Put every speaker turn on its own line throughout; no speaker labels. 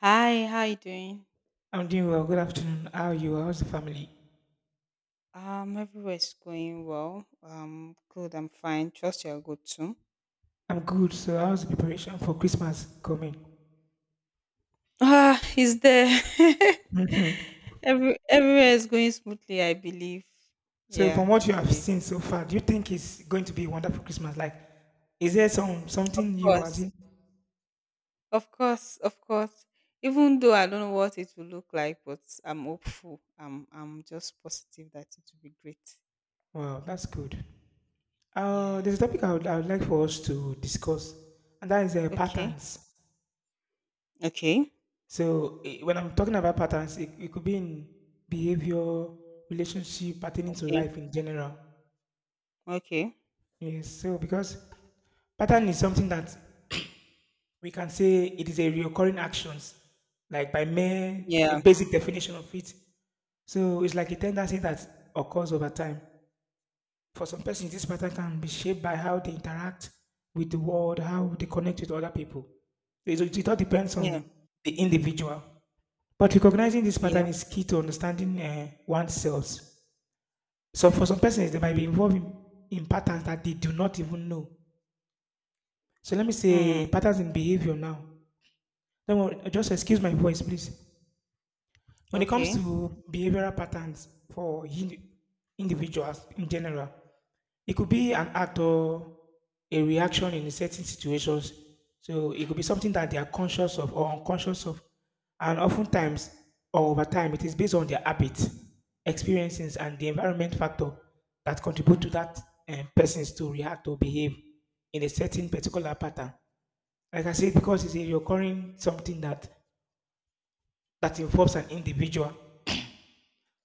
Hi, how you doing?
I'm doing well. Good afternoon. How are you? How's the family?
Everywhere's going well. Good, I'm fine. Trust you're good too.
I'm good. So, how's the preparation for Christmas coming?
Ah, is there?
Mhm.
Everywhere is going smoothly, I believe.
So,
Yeah,
from
I
what you have
believe.
seen so far, do you think it's going to be a wonderful Christmas? Like, is there some
Of
something new? As
course,
in?
of course, of course. Even though I don't know what it will look like, but I'm hopeful. I'm just positive that it will be great.
Well, that's good.
Yeah.
There's a topic I would like for us to discuss, and that is
Okay.
patterns.
Okay.
So, when I'm talking about patterns, it could be in behavior, relationship, pertaining to
Okay.
life in general.
Okay.
Yes. So, because pattern is something that we can say it is a recurring actions, like by mere a
Yeah.
basic definition of it. So it's like a tendency that occurs over time. For some persons, this pattern can be shaped by how they interact with the world, how they connect with other people. It all depends
Yeah.
on the individual. But recognizing this
Yeah.
pattern is key to understanding oneself. So for some persons, they might be
Mm.
involved in patterns that they do not even know. So let me say
Mm.
patterns in behavior now. Don't worry, just excuse my voice, please. When it comes
Okay.
to behavioral patterns for individuals in general, it could be an act or a reaction in certain situations. So it could be something that they are conscious of or unconscious of. And oftentimes, or over time, it is based on their habits, experiences, and the environment factor that contribute to that persons to react or behave in a certain particular pattern. Like I said, because it's a recurring something that involves an individual.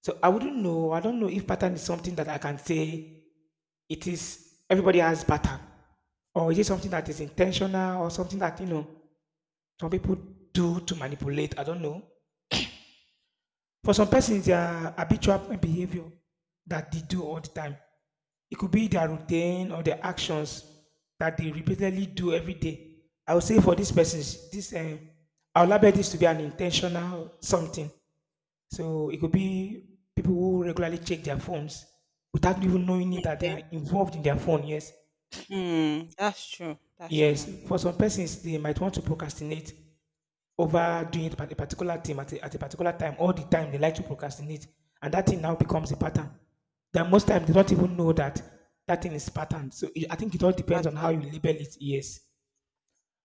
So I wouldn't know. I don't know if pattern is something that I can say it is. Everybody has pattern, or is it something that is intentional, or something that you know some people do to manipulate. I don't know. For some persons, their habitual behavior that they do all the time. It could be their routine or their actions that they repeatedly do every day. I would say for these persons, this I'll label this to be an intentional something. So it could be people who regularly check their phones without even knowing it that they are involved in their phone. Yes,
Mm, that's true. That's
yes.
true.
For some persons, they might want to procrastinate over doing it at a particular time at a particular time all the time. They like to procrastinate, and that thing now becomes a pattern. That most times they don't even know that that thing is pattern. So it, I think it all
It's a
depends on how
pattern.
you label it. Yes.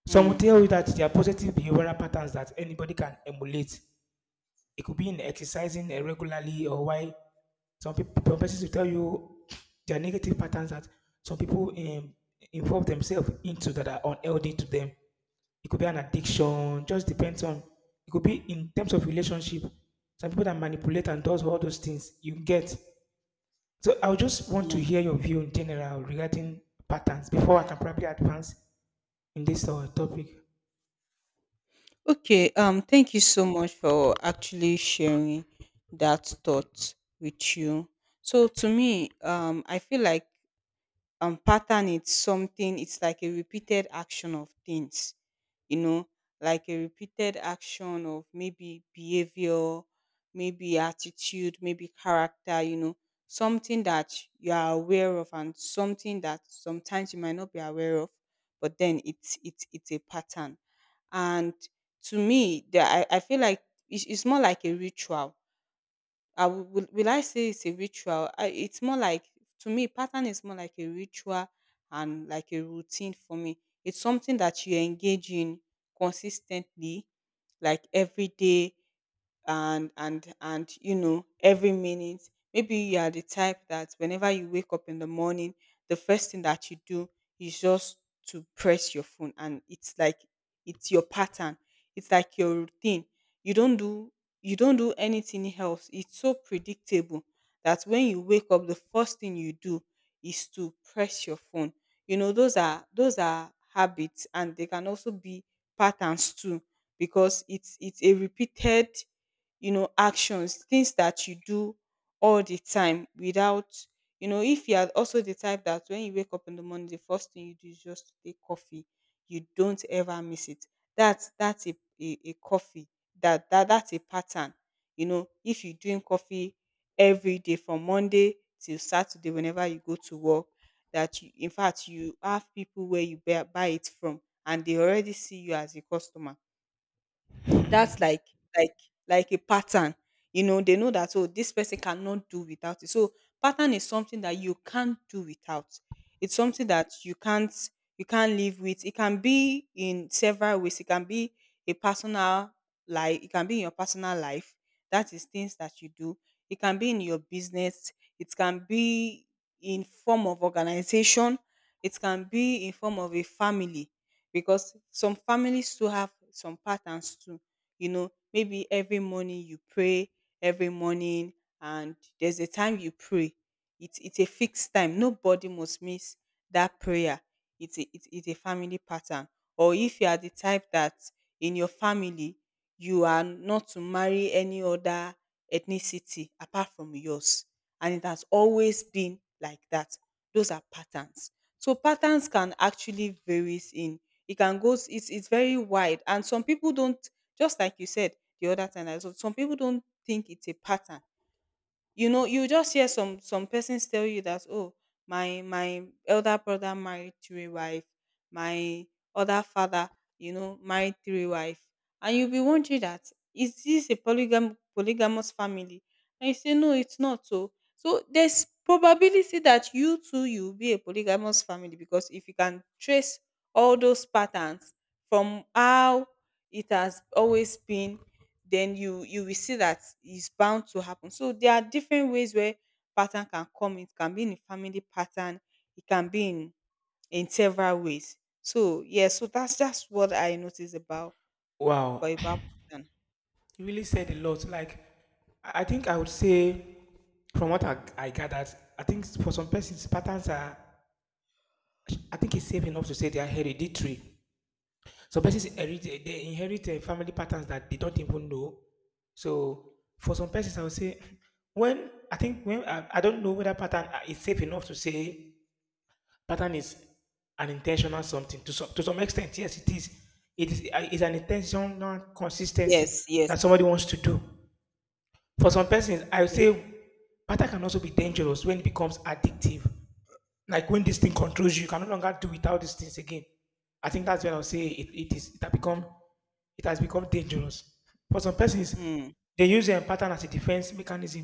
Some will
Mm,
tell you that there are positive behavioral patterns that anybody can emulate. It could be in exercising regularly, or why some people, some persons will tell you their negative patterns that some people involve themselves into that are unhealthy to them. It could be an addiction, just depends on. It could be in terms of relationship. Some people that manipulate and does all those things you get. So I would just want to
mm.
hear your view in general regarding patterns before I can probably advance in this topic.
Okay. Thank you so much for actually sharing that thought with you. So to me, I feel like pattern, it's something, it's like a repeated action of things, you know, like a repeated action of maybe behavior, maybe attitude, maybe character, you know, something that you are aware of and something that sometimes you might not be aware of, but then it's a pattern. And to me, I feel like it's more like a ritual. Will I say it's a ritual? It's more like, to me, pattern is more like a ritual and like a routine for me. It's something that you engage in consistently, like every day, and you know every minute, maybe you are the type that whenever you wake up in the morning, the first thing that you do is just to press your phone. And it's like it's your pattern, it's like your routine. You don't do you don't do anything else. It's so predictable that when you wake up, the first thing you do is to press your phone. You know, those are habits, and they can also be patterns too, because it's a repeated, you know, actions, things that you do all the time without, you know, if you are also the type that when you wake up in the morning, the first thing you do is just to take coffee, you don't ever miss it. That's a, coffee. That's a pattern. You know, if you're doing coffee every day from Monday till Saturday, whenever you go to work, that you, in fact, you have people where you buy it from, and they already see you as a customer. That's like like a pattern. You know, they know that, oh, this person cannot do without it. So pattern is something that you can't do without. It's something that you can't live with. It can be in several ways. It can be a personal life, it can be in your personal life. That is things that you do. It can be in your business. It can be in form of organization. It can be in form of a family, because some families too have some patterns too. You know, maybe every morning you pray, every morning, and there's a time you pray. It's a fixed time, nobody must miss that prayer. It's a family pattern. Or if you are the type that in your family you are not to marry any other ethnicity apart from yours, and it has always been like that, those are patterns. So patterns can actually varies in, it can go, it's very wide. And some people don't, just like you said the other time, I so some people don't think it's a pattern. You know, you just hear some persons tell you that, oh, my elder brother married three wife, my other father, you know, married three wife. And you'll be wondering that, is this a polygamous family? And you say, no, it's not. So there's probability that you too you'll be a polygamous family. Because if you can trace all those patterns from how it has always been, then you will see that it's bound to happen. So there are different ways where pattern can come. It can be in a family pattern. It can be in several ways. So yeah, so that's just what I noticed about but
Wow.
about pattern.
You really said a lot. Like, I think I would say, from what I gathered, I think for some persons, patterns are, I think it's safe enough to say they are hereditary. Some persons inherit, they inherit family patterns that they don't even know. So for some persons, I would say, when I think when I don't know whether pattern is safe enough to say pattern is an intentional something to some extent. Yes, it is. It is it's an intentional consistency
Yes, yes,
that somebody wants to do. For some persons, I would
yeah.
say pattern can also be dangerous when it becomes addictive. Like when this thing controls you, you can no longer do without these things again. I think that's when I'll say it, it is it has become dangerous. For some persons,
Mm,
they use a pattern as a defense mechanism.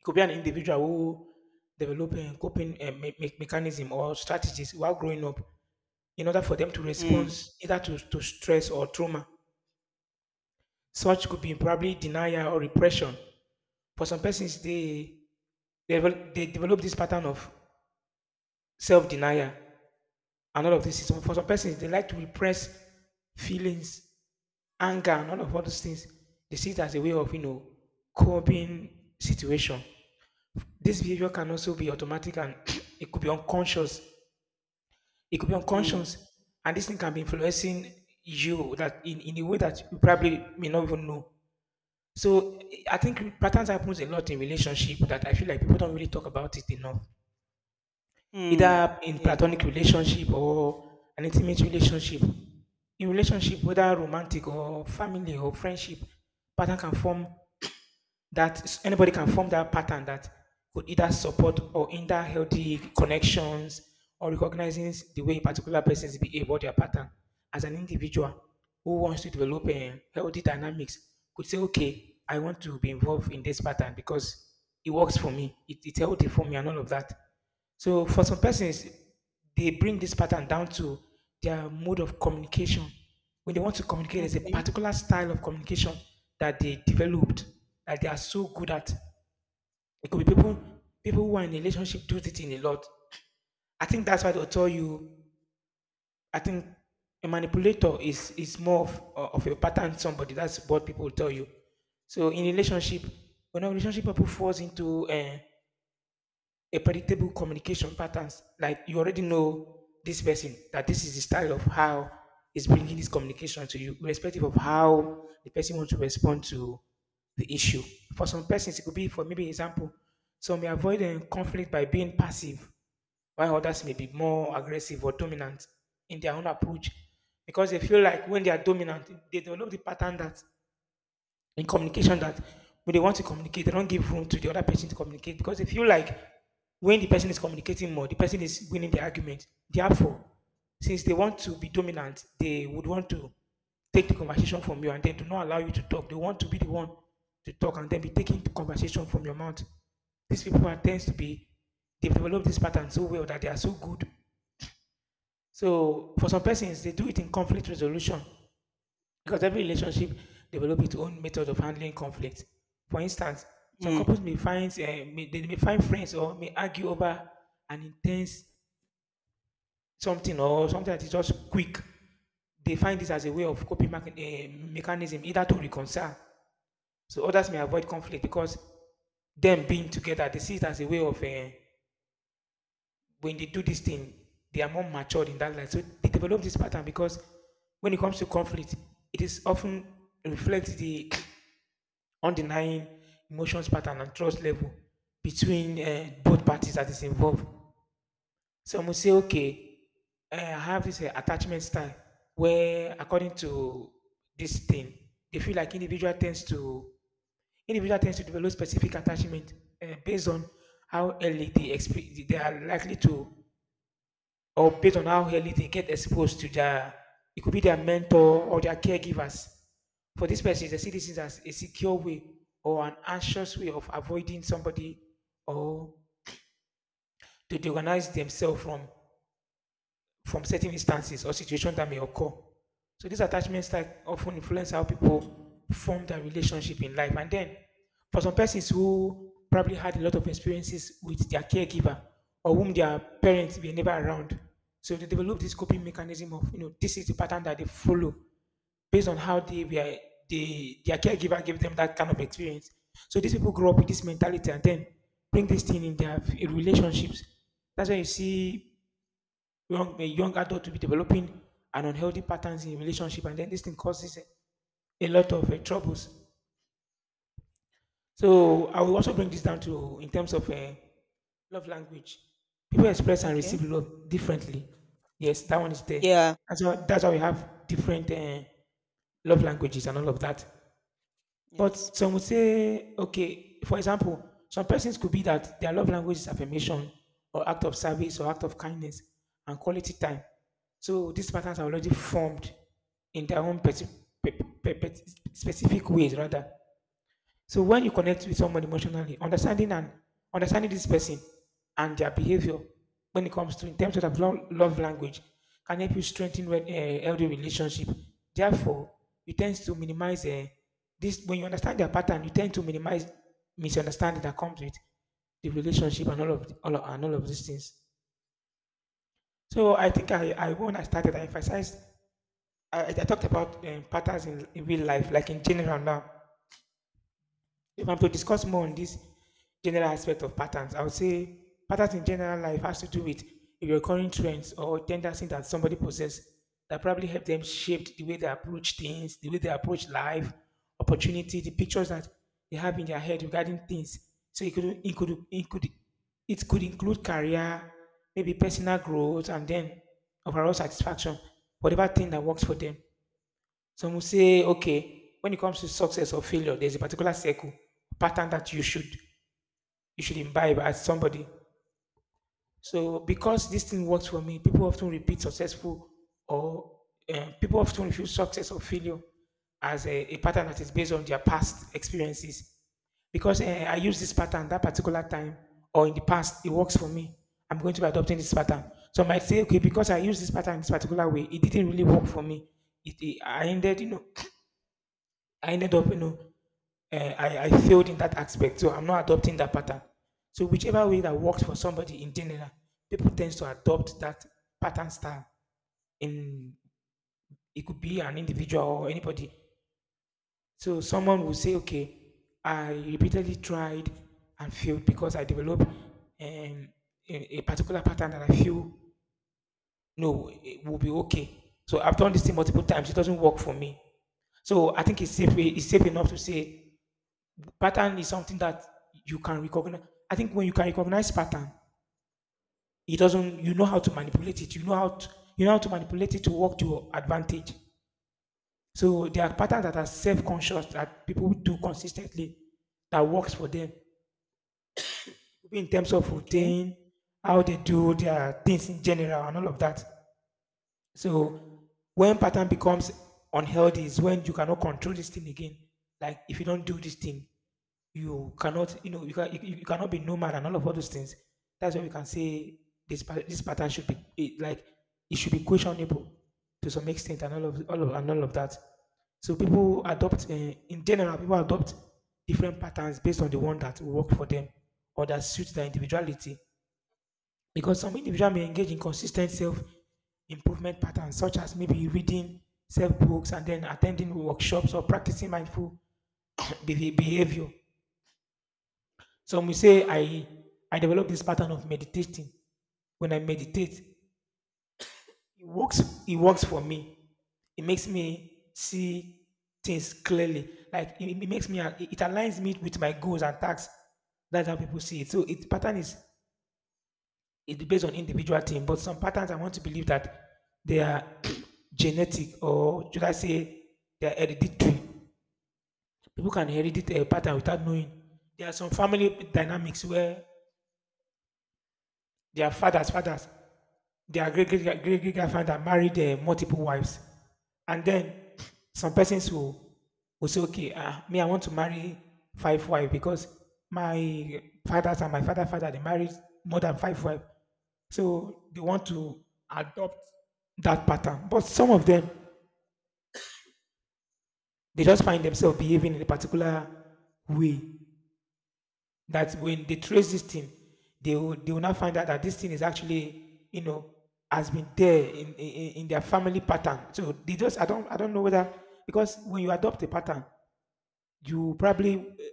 It could be an individual who develop a coping mechanism or strategies while growing up in order for them to respond
mm,
either to stress or trauma. Such could be probably denial or repression. For some persons, they they develop this pattern of self denial and all of this. So for some persons, they like to repress feelings, anger, and all of all those things. They see it as a way of, you know, coping situation. This behavior can also be automatic and it could be unconscious. It could be
mm,
unconscious. And this thing can be influencing you that in a way that you probably may not even know. So I think patterns happens a lot in relationship that I feel like people don't really talk about it enough,
mm.
either in
Yes,
platonic
that's true.
relationship or an intimate relationship. In relationship, whether romantic or family or friendship, pattern can form that anybody can form that pattern that could either support or hinder healthy connections, or recognizing the way a particular persons behave or their pattern as an individual who wants to develop a healthy dynamics could say, okay, I want to be involved in this pattern because it works for me, it's healthy for me and all of that. So for some persons, they bring this pattern down to their mode of communication. When they want to communicate, there's a
Okay.
particular style of communication that they developed that they are so good at. It could be people who are in a relationship do it in a lot. I think that's why they'll tell you. I think a manipulator is more of a pattern somebody. That's what people will tell you. So in relationship, when a relationship people falls into a predictable communication patterns. Like you already know this person that this is the style of how is bringing this communication to you, irrespective of how the person wants to respond to the issue. For some persons, it could be for maybe example, some may avoid conflict by being passive, while others may be more aggressive or dominant in their own approach because they feel like when they are dominant, they develop the pattern that in communication that when they want to communicate, they don't give room to the other person to communicate because they feel like when the person is communicating more, the person is winning the argument. Therefore, since they want to be dominant, they would want to take the conversation from you and then do not allow you to talk. They want to be the one to talk and then be taking the conversation from your mouth. These people are tends to be they've developed this pattern so well that they are so good. So for some persons, they do it in conflict resolution because every relationship develops its own method of handling conflict. For instance, some
Mm,
couples may find they may find friends or may argue over an intense something or something that is just quick. They find this as a way of coping mechanism, either to reconcile. So others may avoid conflict because them being together, they see it as a way of when they do this thing, they are more matured in that life. So they develop this pattern because when it comes to conflict, it is often reflects the undenying emotions pattern and trust level between both parties that is involved. Some will say, okay, I have this attachment style where, according to this thing, they feel like individual tends to develop specific attachment based on how early they are likely to, or based on how early they get exposed to their, it could be their mentor or their caregivers. For these persons, they see this as a secure way or an anxious way of avoiding somebody or to organize themselves from certain instances or situations that may occur. So these attachment styles often influence how people form their relationship in life. And then for some persons who probably had a lot of experiences with their caregiver or whom their parents were never around. So they develop this coping mechanism of, you know, this is the pattern that they follow based on how they were they, their caregiver gave them that kind of experience. So these people grow up with this mentality and then bring this thing in their relationships. That's why you see young a young adult to be developing an unhealthy patterns in relationship, and then this thing causes a lot of troubles. So I will also bring this down to in terms of love language. People express and
okay.
receive love differently. Yes, that one is there.
Yeah.
That's why we have different love languages and all of that.
Yes.
But some would say, okay, for example, some persons could be that their love language is affirmation or act of service or act of kindness and quality time. So these patterns are already formed in their own pe- pe- pe- specific ways, rather. So when you connect with someone emotionally, understanding this person and their behavior when it comes to in terms of the love language can help you strengthen healthy relationship. Therefore, you tend to minimize this when you understand their pattern. You tend to minimize misunderstanding that comes with the relationship and all of the- all of, and all of these things. So I think I when I started I emphasized, I talked about patterns in real life like in general now. If I'm to discuss more on this general aspect of patterns, I would say patterns in general life has to do with recurring trends or tendencies that somebody possess that probably help them shape the way they approach things, the way they approach life, opportunity, the pictures that they have in their head regarding things. So it could include career, maybe personal growth, and then overall satisfaction, whatever thing that works for them. Some will say, okay, when it comes to success or failure, there's a particular circle pattern that you should imbibe as somebody. So because this thing works for me, people often repeat successful or people often refuse success or failure as a pattern that is based on their past experiences. Because I use this pattern that particular time or in the past, it works for me. I'm going to be adopting this pattern. So I might say, okay, because I use this pattern in this particular way, it didn't really work for me. I ended, I ended up, I failed in that aspect. So I'm not adopting that pattern. So whichever way that works for somebody in general, people tends to adopt that pattern style. In, it could be an individual or anybody. So someone will say, okay, I repeatedly tried and failed because I developed a particular pattern that I feel no it will be okay. So I've done this thing multiple times. It doesn't work for me. So I think it's safe. It's safe enough to say pattern is something that you can recognize. I think when you can recognize pattern, it doesn't. You know how to manipulate it. You know how to manipulate it to work to your advantage. So there are patterns that are self-conscious that people do consistently that works for them, in terms of
Okay.
routine, how they do their things in general, and all of that. So when pattern becomes unhealthy is when you cannot control this thing again. Like if you don't do this thing, you cannot, you know, you, can, you cannot be nomad and all those things. That's why we can say this pattern should be it, like it should be questionable to some extent and all of that. So people adopt in general, people adopt different patterns based on the one that will work for them or that suits their individuality. Because some individual may engage in consistent self improvement patterns, such as maybe reading self books and then attending workshops or practicing mindful behavior. Some will say I develop this pattern of meditating. When I meditate, it works. It works for me. It makes me see things clearly. Like it makes me. It aligns me with my goals and tasks. That's how people see it. So it pattern is it's based on individual thing, but some patterns I want to believe that they are genetic, or should I say they are hereditary. People can inherit a pattern without knowing. There are some family dynamics where their great great great great great grandfather married multiple wives, and then some persons will say, okay, me I want to marry five wives because my fathers and my father father they married more than five wives, so they want to adopt that pattern. But some of them they just find themselves behaving in a particular way. That when they trace this thing, they will now find out that this thing is actually, you know, has been there in their family pattern. So they just I don't know whether because when you adopt a pattern, you probably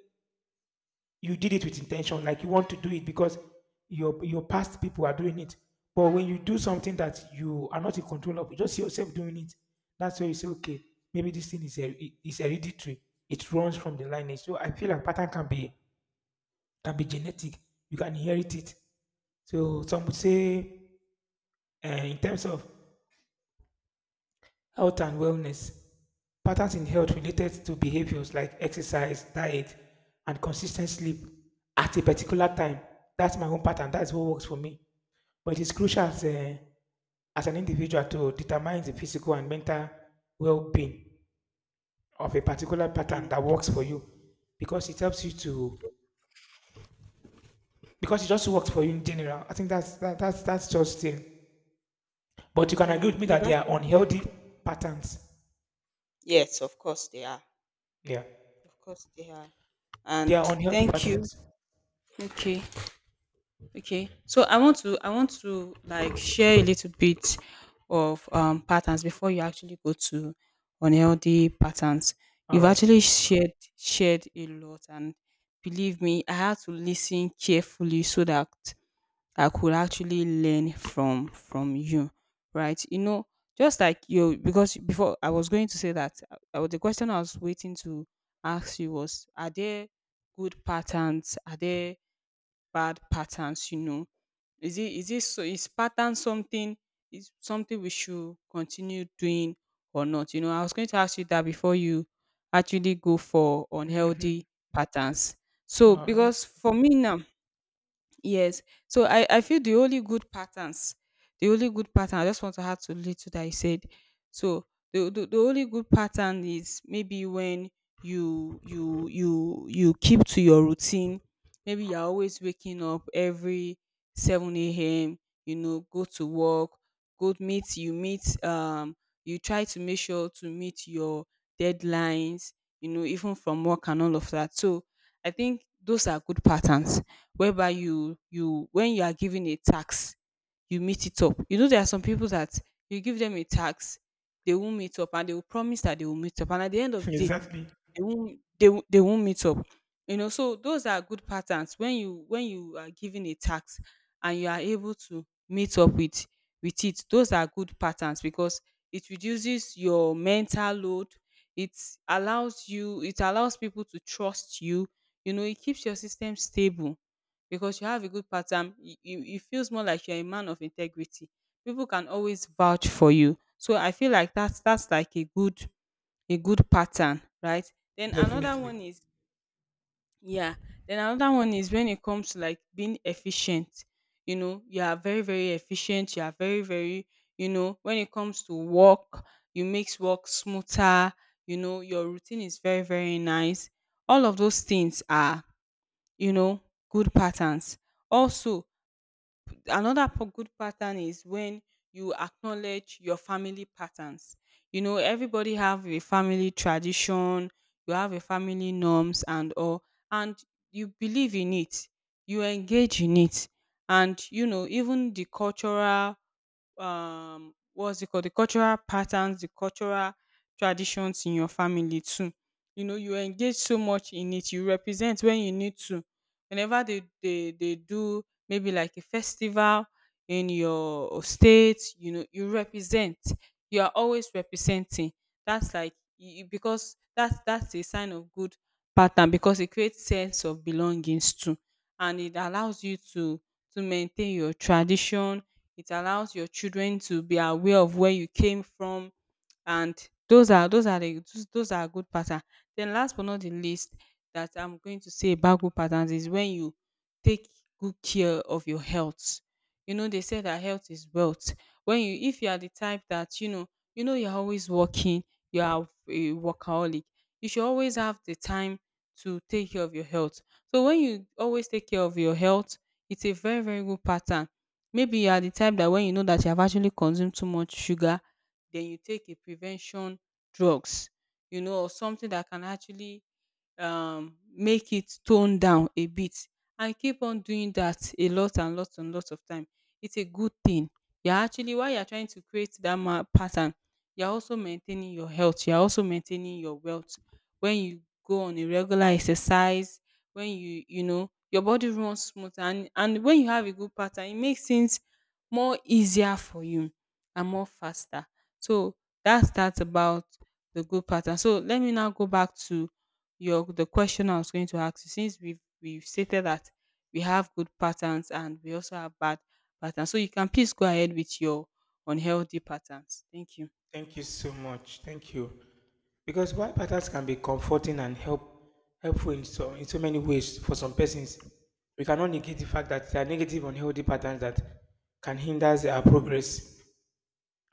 you did it with intention, like you want to do it because your past people are doing it. But when you do something that you are not in control of, you just see yourself doing it. That's where you say, okay, maybe this thing is is hereditary. It runs from the lineage. So I feel like pattern can be genetic. You can inherit it. So some would say, in terms of health and wellness, patterns in health related to behaviors like exercise, diet, and consistent sleep at a particular time. That's my own pattern. That's what works for me. But it is crucial as, a, as an individual to determine the physical and mental well-being of a particular pattern
Mm,
that works for you, because it helps you to because it just works for you in general. I think that's that, that's just it. But you can agree
mm.
with me
If
that they
I
are
should-
unhealthy patterns.
Yes, of course they are.
Yeah.
Of course they are.
They
And
are unhealthy
thank
patterns.
you. Okay. Okay. So I want to, I want to like share a little bit of patterns before you actually go to unhealthy patterns.
All
You've
right.
actually shared a lot, and believe me, I had to listen carefully so that I could actually learn from you, right? You know, just like you, because before I was going to say that the question I was waiting to ask you was, are there good patterns? Are there bad patterns? You know, is it so, is pattern something, is something we should continue doing or not? You know, I was going to ask you that before you actually go for
Mhm.
unhealthy patterns. So
Wow,
because for me now. Yes. So I feel the only good patterns, the only good pattern, I just want to add to little that I said. So the only good pattern is maybe when you keep to your routine. Maybe you're always waking up every 7 a.m., you know, go to work, go meet you try to make sure to meet your deadlines, you know, even from work and all of that. So I think those are good patterns, whereby you when you are given a tax, you meet it up. You know, there are some people that you give them a tax, they won't meet up, and they will promise that they will meet up, and at the end of the day,
exactly.
they won't meet up. You know, so those are good patterns, when you are given a tax and you are able to meet up with it. Those are good patterns, because it reduces your mental load, it it allows people to trust you. You know, it keeps your system stable, because you have a good pattern. It feels more like you're a man of integrity, people can always vouch for you. So I feel like that's like a good pattern, right? Then another
Definitely.
one is, yeah. Then another one is when it comes to like being efficient. You know, you are very very efficient, you are very very, you know, when it comes to work, you makes work smoother. You know, your routine is very very nice. All of those things are, you know, good patterns. Also, another good pattern is when you acknowledge your family patterns. You know, everybody have a family tradition, you have a family norms and all, and you believe in it, you engage in it. And you know, even the cultural, what's it called, the cultural patterns, the cultural traditions in your family too. You know, you engage so much in it, you represent when you need to, whenever they do maybe like a festival in your state, you know, you represent, you are always representing. That's like you, because that's a sign of good pattern, because it creates sense of belongings too, and it allows you to maintain your tradition. It allows your children to be aware of where you came from, and those are good pattern. Then last but not the least that I'm going to say about good patterns is when you take good care of your health. You know, they say that health is wealth. When you if you are the type that, you're always working, you are a workaholic. You should always have the time to take care of your health. So when you always take care of your health, it's a very very good pattern. Maybe you are the type that when you know that you have actually consumed too much sugar, then you take a prevention drugs, you know, or something that can actually make it tone down a bit and keep on doing that a lot, and lots of time. It's a good thing, you're actually, while you're trying to create that pattern, you're also maintaining your health, you're also maintaining your wealth. When you go on a regular exercise, when you know, your body runs smooth. And when you have a good pattern, it makes things more easier for you and more faster. So that's that about the good pattern. So let me now go back to your the question I was going to ask you, since we've stated that we have good patterns and we also have bad patterns. So you can please go ahead with your unhealthy patterns. Thank you.
Thank you so much. Thank you. Because why patterns can be comforting and helpful in in so many ways for some persons. We cannot negate the fact that there are negative unhealthy patterns that can hinder our progress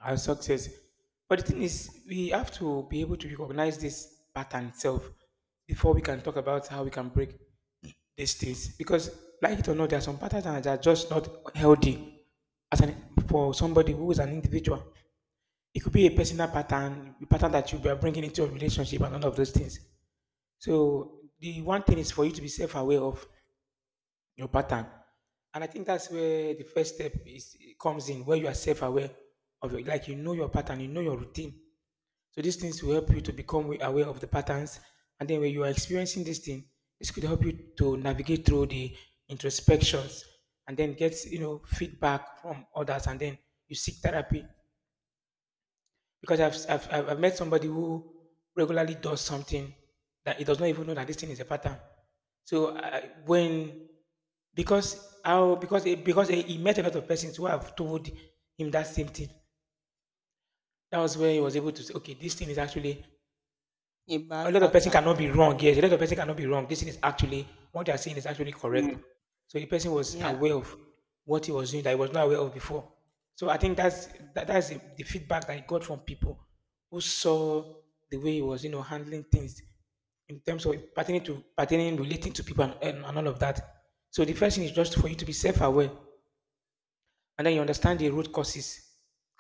and success. But the thing is, we have to be able to recognize this pattern itself before we can talk about how we can break the states, because like it or not there are some patterns that are just not healthy. As an, for somebody who is an individual, it could be a personal pattern, a pattern that you are bringing into a relationship and all of those things. So the one thing is for you to be self-aware of your pattern, and I think that's where the first step is comes in, where you are self-aware of your, like, you know your pattern, you know your routine. So these things will help you to become aware of the patterns. And then when you are experiencing this thing, this could help you to navigate through the introspections and then get, you know, feedback from others. And then you seek therapy. Because I've met somebody who regularly does something that he does not even know that this thing is a pattern. So when because how because he met a lot of persons who have told him that same thing. That was where he was able to say, okay, this thing is actually
A
a
bad
lot of person
pattern.
cannot be wrong. Yes, a lot of person cannot be wrong. This thing is actually what they are saying is actually correct.
Mm.
So the person was
Yeah.
aware of what he was doing that he was not aware of before. So I think that's the feedback that I got from people who saw the way he was, you know, handling things in terms of pertaining relating to people and all of that. So the first thing is just for you to be self-aware, and then you understand the root causes.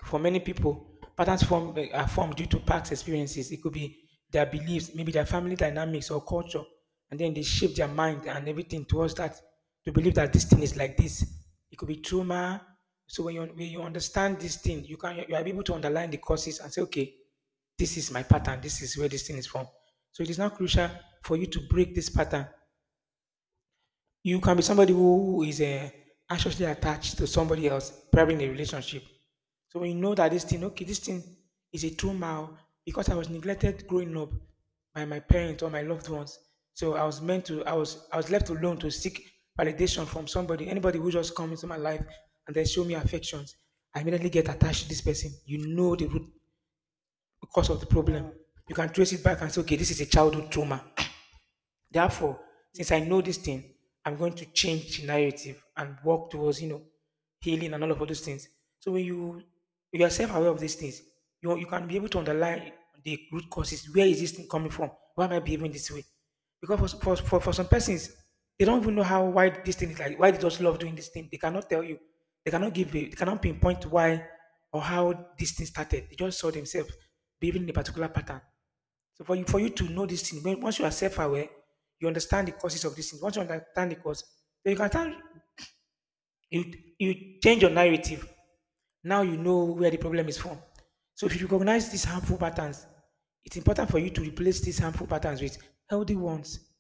For many people, patterns form, are formed due to past experiences. It could be their beliefs, maybe their family dynamics or culture, and then they shape their mind and everything towards that to believe that this thing is like this. It could be trauma. So when you understand this thing, you can you are able to underline the causes and say, okay, this is my pattern. This is where this thing is from. So it is now crucial for you to break this pattern. You can be somebody who is anxiously attached to somebody else, probably in a relationship. So when you know that this thing, okay, this thing is a trauma because I was neglected growing up by my parents or my loved ones. So I was left alone to seek validation from somebody, anybody who just comes into my life and then show me affections. I immediately get attached to this person. You know the root cause of the problem.
Wow.
You can trace it back and say, okay, this
Yes.
is a childhood trauma. Therefore,
Ye-
since I know this thing, I'm going to change the narrative and work towards, healing and all of those things. So when you are self-aware of these things, you can be able to underline the root causes. Where is this thing coming from? Why am I behaving this way? Because for some persons, they don't even know how why this thing is like why they just love doing this thing. They cannot tell you. They cannot pinpoint why or how this thing started. They just saw themselves behaving in a particular pattern. So for you to know these things, once you are self-aware, you understand the causes of these things. Once you understand the cause, then you can you, you change your narrative. Now you know where the problem is from. So if you recognize these harmful patterns, it's important for you to replace these harmful patterns with healthy ones.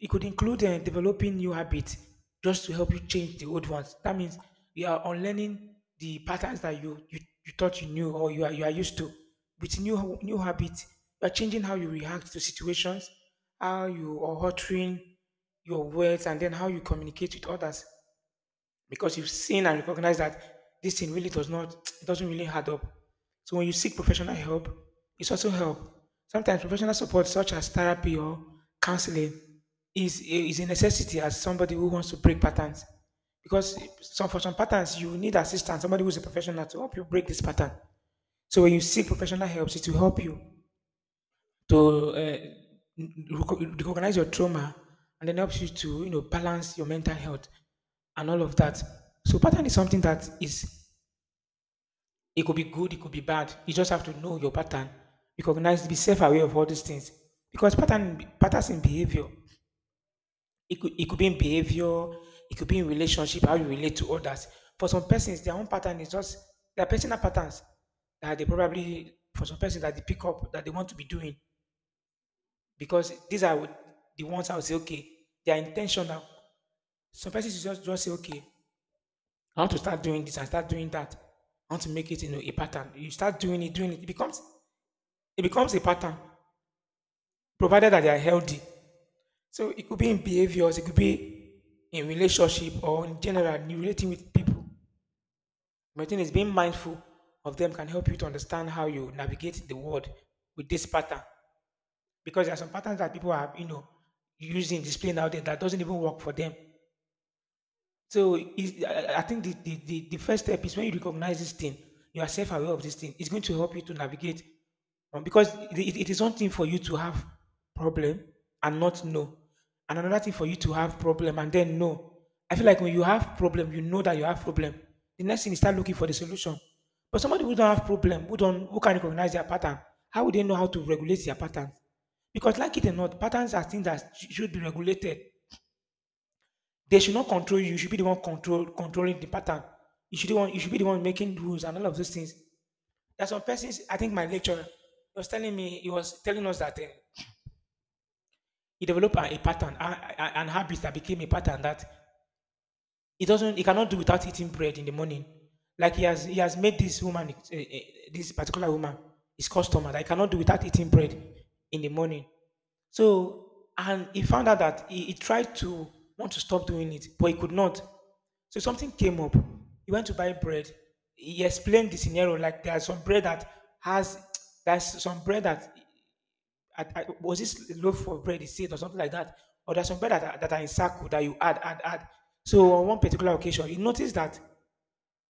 It could include developing new habits just to help you change the old ones. That means you are unlearning the patterns that you thought you knew or you are used to. With new habits, you are changing how you react to situations, how you are altering your words, and then how you communicate with others because you've seen and recognized that this thing really does not, it doesn't really add up. So when you seek professional help, it's also help. Sometimes professional support, such as therapy or counseling, is a necessity as somebody who wants to break patterns. Because some for some patterns, you need assistance, somebody who's a professional to help you break this pattern. So when you seek professional help, it will help you to recognize your trauma and then helps you to, you know, balance your mental health and all of that. So pattern is something that is, it could be good, it could be bad. You just have to know your pattern, recognize, be self-aware of all these things. Because patterns in behavior, it could be in behavior, it could be in relationship, how you relate to others. For some persons, their own pattern is just their personal patterns that they probably for some persons that they pick up, that they want to be doing. Because these are the ones I would say, okay, they are intentional. Some persons just say, okay, I want to start doing this and start doing that. I want to make it, you know, a pattern. You start doing it, doing it. It becomes a pattern, provided that they are healthy. So it could be in behaviors, it could be in relationship or in general, in relating with people. My thing is being mindful of them can help you to understand how you navigate the world with this pattern. Because there are some patterns that people are, you know, using, displaying out there that doesn't even work for them. So I think the first step is when you recognize this thing, you are self-aware of this thing. It's going to help you to navigate. Because it is one thing for you to have problem and not know, and another thing for you to have problem and then know. I feel like when you have problem, you know that you have problem. The next thing is start looking for the solution. But somebody who don't have problem, who don't who can recognize their pattern, how would they know how to regulate their patterns? Because like it or not, patterns are things that should be regulated. They should not control you. You should be the one controlling the pattern. You should be the one. You should be the one making rules and all of those things. There's some persons. I think my lecturer, he was telling me. He was telling us that he developed a pattern, an habit that became a pattern that he doesn't. He cannot do without eating bread in the morning. He has made this woman, this particular woman, his customer. That he cannot do without eating bread in the morning. So, and he found out that he tried to want to stop doing it, but he could not. So something came up. He went to buy bread. He explained the scenario, like there's some bread that has there's some bread that was this loaf of bread, he said, or something like that, or there's some bread that that are in circle that you add. So on one particular occasion, he noticed that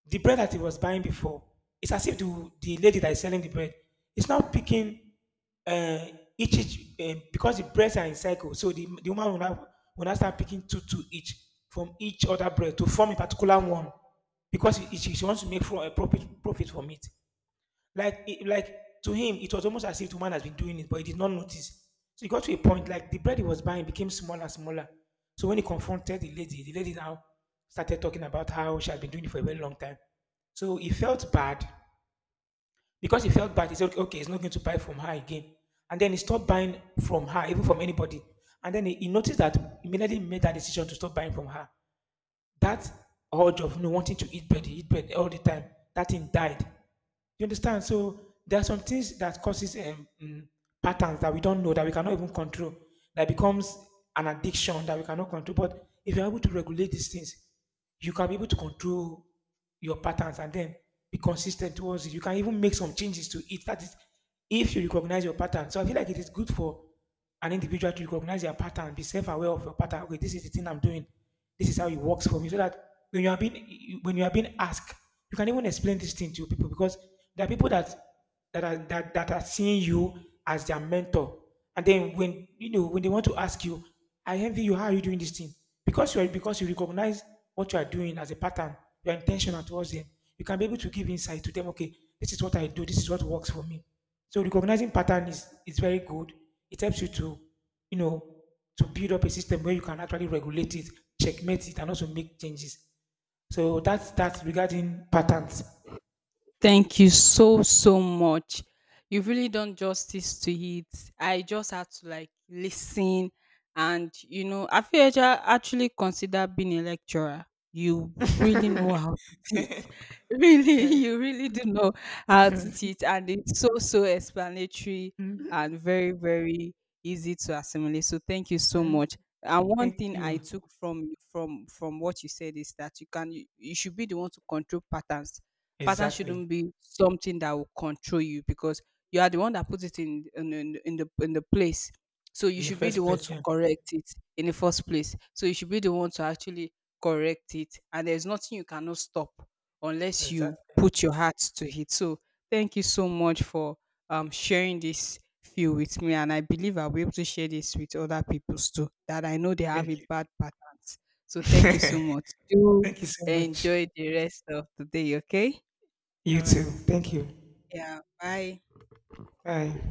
the bread that he was buying before, it's as if the lady that is selling the bread is now picking uh, each because the breads are in cycle, so the woman will now start picking two, two each from each other bread to form a particular one because she wants to make for a profit, profit from it. Like to him, it was almost as if the woman has been doing it, but he did not notice. So he got to a point, like the bread he was buying became smaller and smaller. So when he confronted the lady now started talking about how she had been doing it for a very long time. So he felt bad, he said, okay, okay, he's not going to buy from her again. And then he stopped buying from her, even from anybody. And then he noticed that immediately he made that decision to stop buying from her, that urge of, you know, wanting to eat bread all the time, that thing died. You understand? So there are some things that causes patterns that we don't know, that we cannot even control, that becomes an addiction that we cannot control. But if you're able to regulate these things, you can be able to control your patterns and then be consistent towards it. You can even make some changes to it. That is, if you recognize your pattern. So I feel like it is good for an individual to recognize their pattern, be self-aware of your pattern. Okay, this is the thing I'm doing. This is how it works for me. So that when you are being asked, you can even explain this thing to people because there are people that that are seeing you as their mentor. And then when you know when they want to ask you, I envy you, how are you doing this thing? Because you are because you recognize what you are doing as a pattern, you are intentional towards them. You can be able to give insight to them, okay, this is what I do, this is what works for me. So recognizing pattern is very good. It helps you to, you know, to build up a system where you can actually regulate it, checkmate it, and also make changes. So that's regarding patterns.
Thank you so so much. You've really done justice to it. I just had to like listen. And you know, have you ever actually considered being a lecturer? You really know how to really you really do know how to teach, and it's so so explanatory and very very easy to assimilate. So thank you so much. And one
Thank
thing I
you.
took from what you said is that you should be the one to control patterns. Patterns
Exactly.
shouldn't be something that will control you, because you are the one that puts it in the place. So
In
you
the
should be the
first
one
place,
to
yeah.
correct it in the first place. So you should be the one to actually correct it. And there's nothing you cannot stop unless you
Exactly.
put your heart to it. So thank you so much for sharing this feel with me, and I believe I'll be able to share this with other people too. That I know they have a
Thank you.
bad patterns. So thank you so much. Do
Thank you so much.
enjoy the rest of the day. Okay.
You
All
too.
right.
Thank you.
Yeah. Bye.
Bye.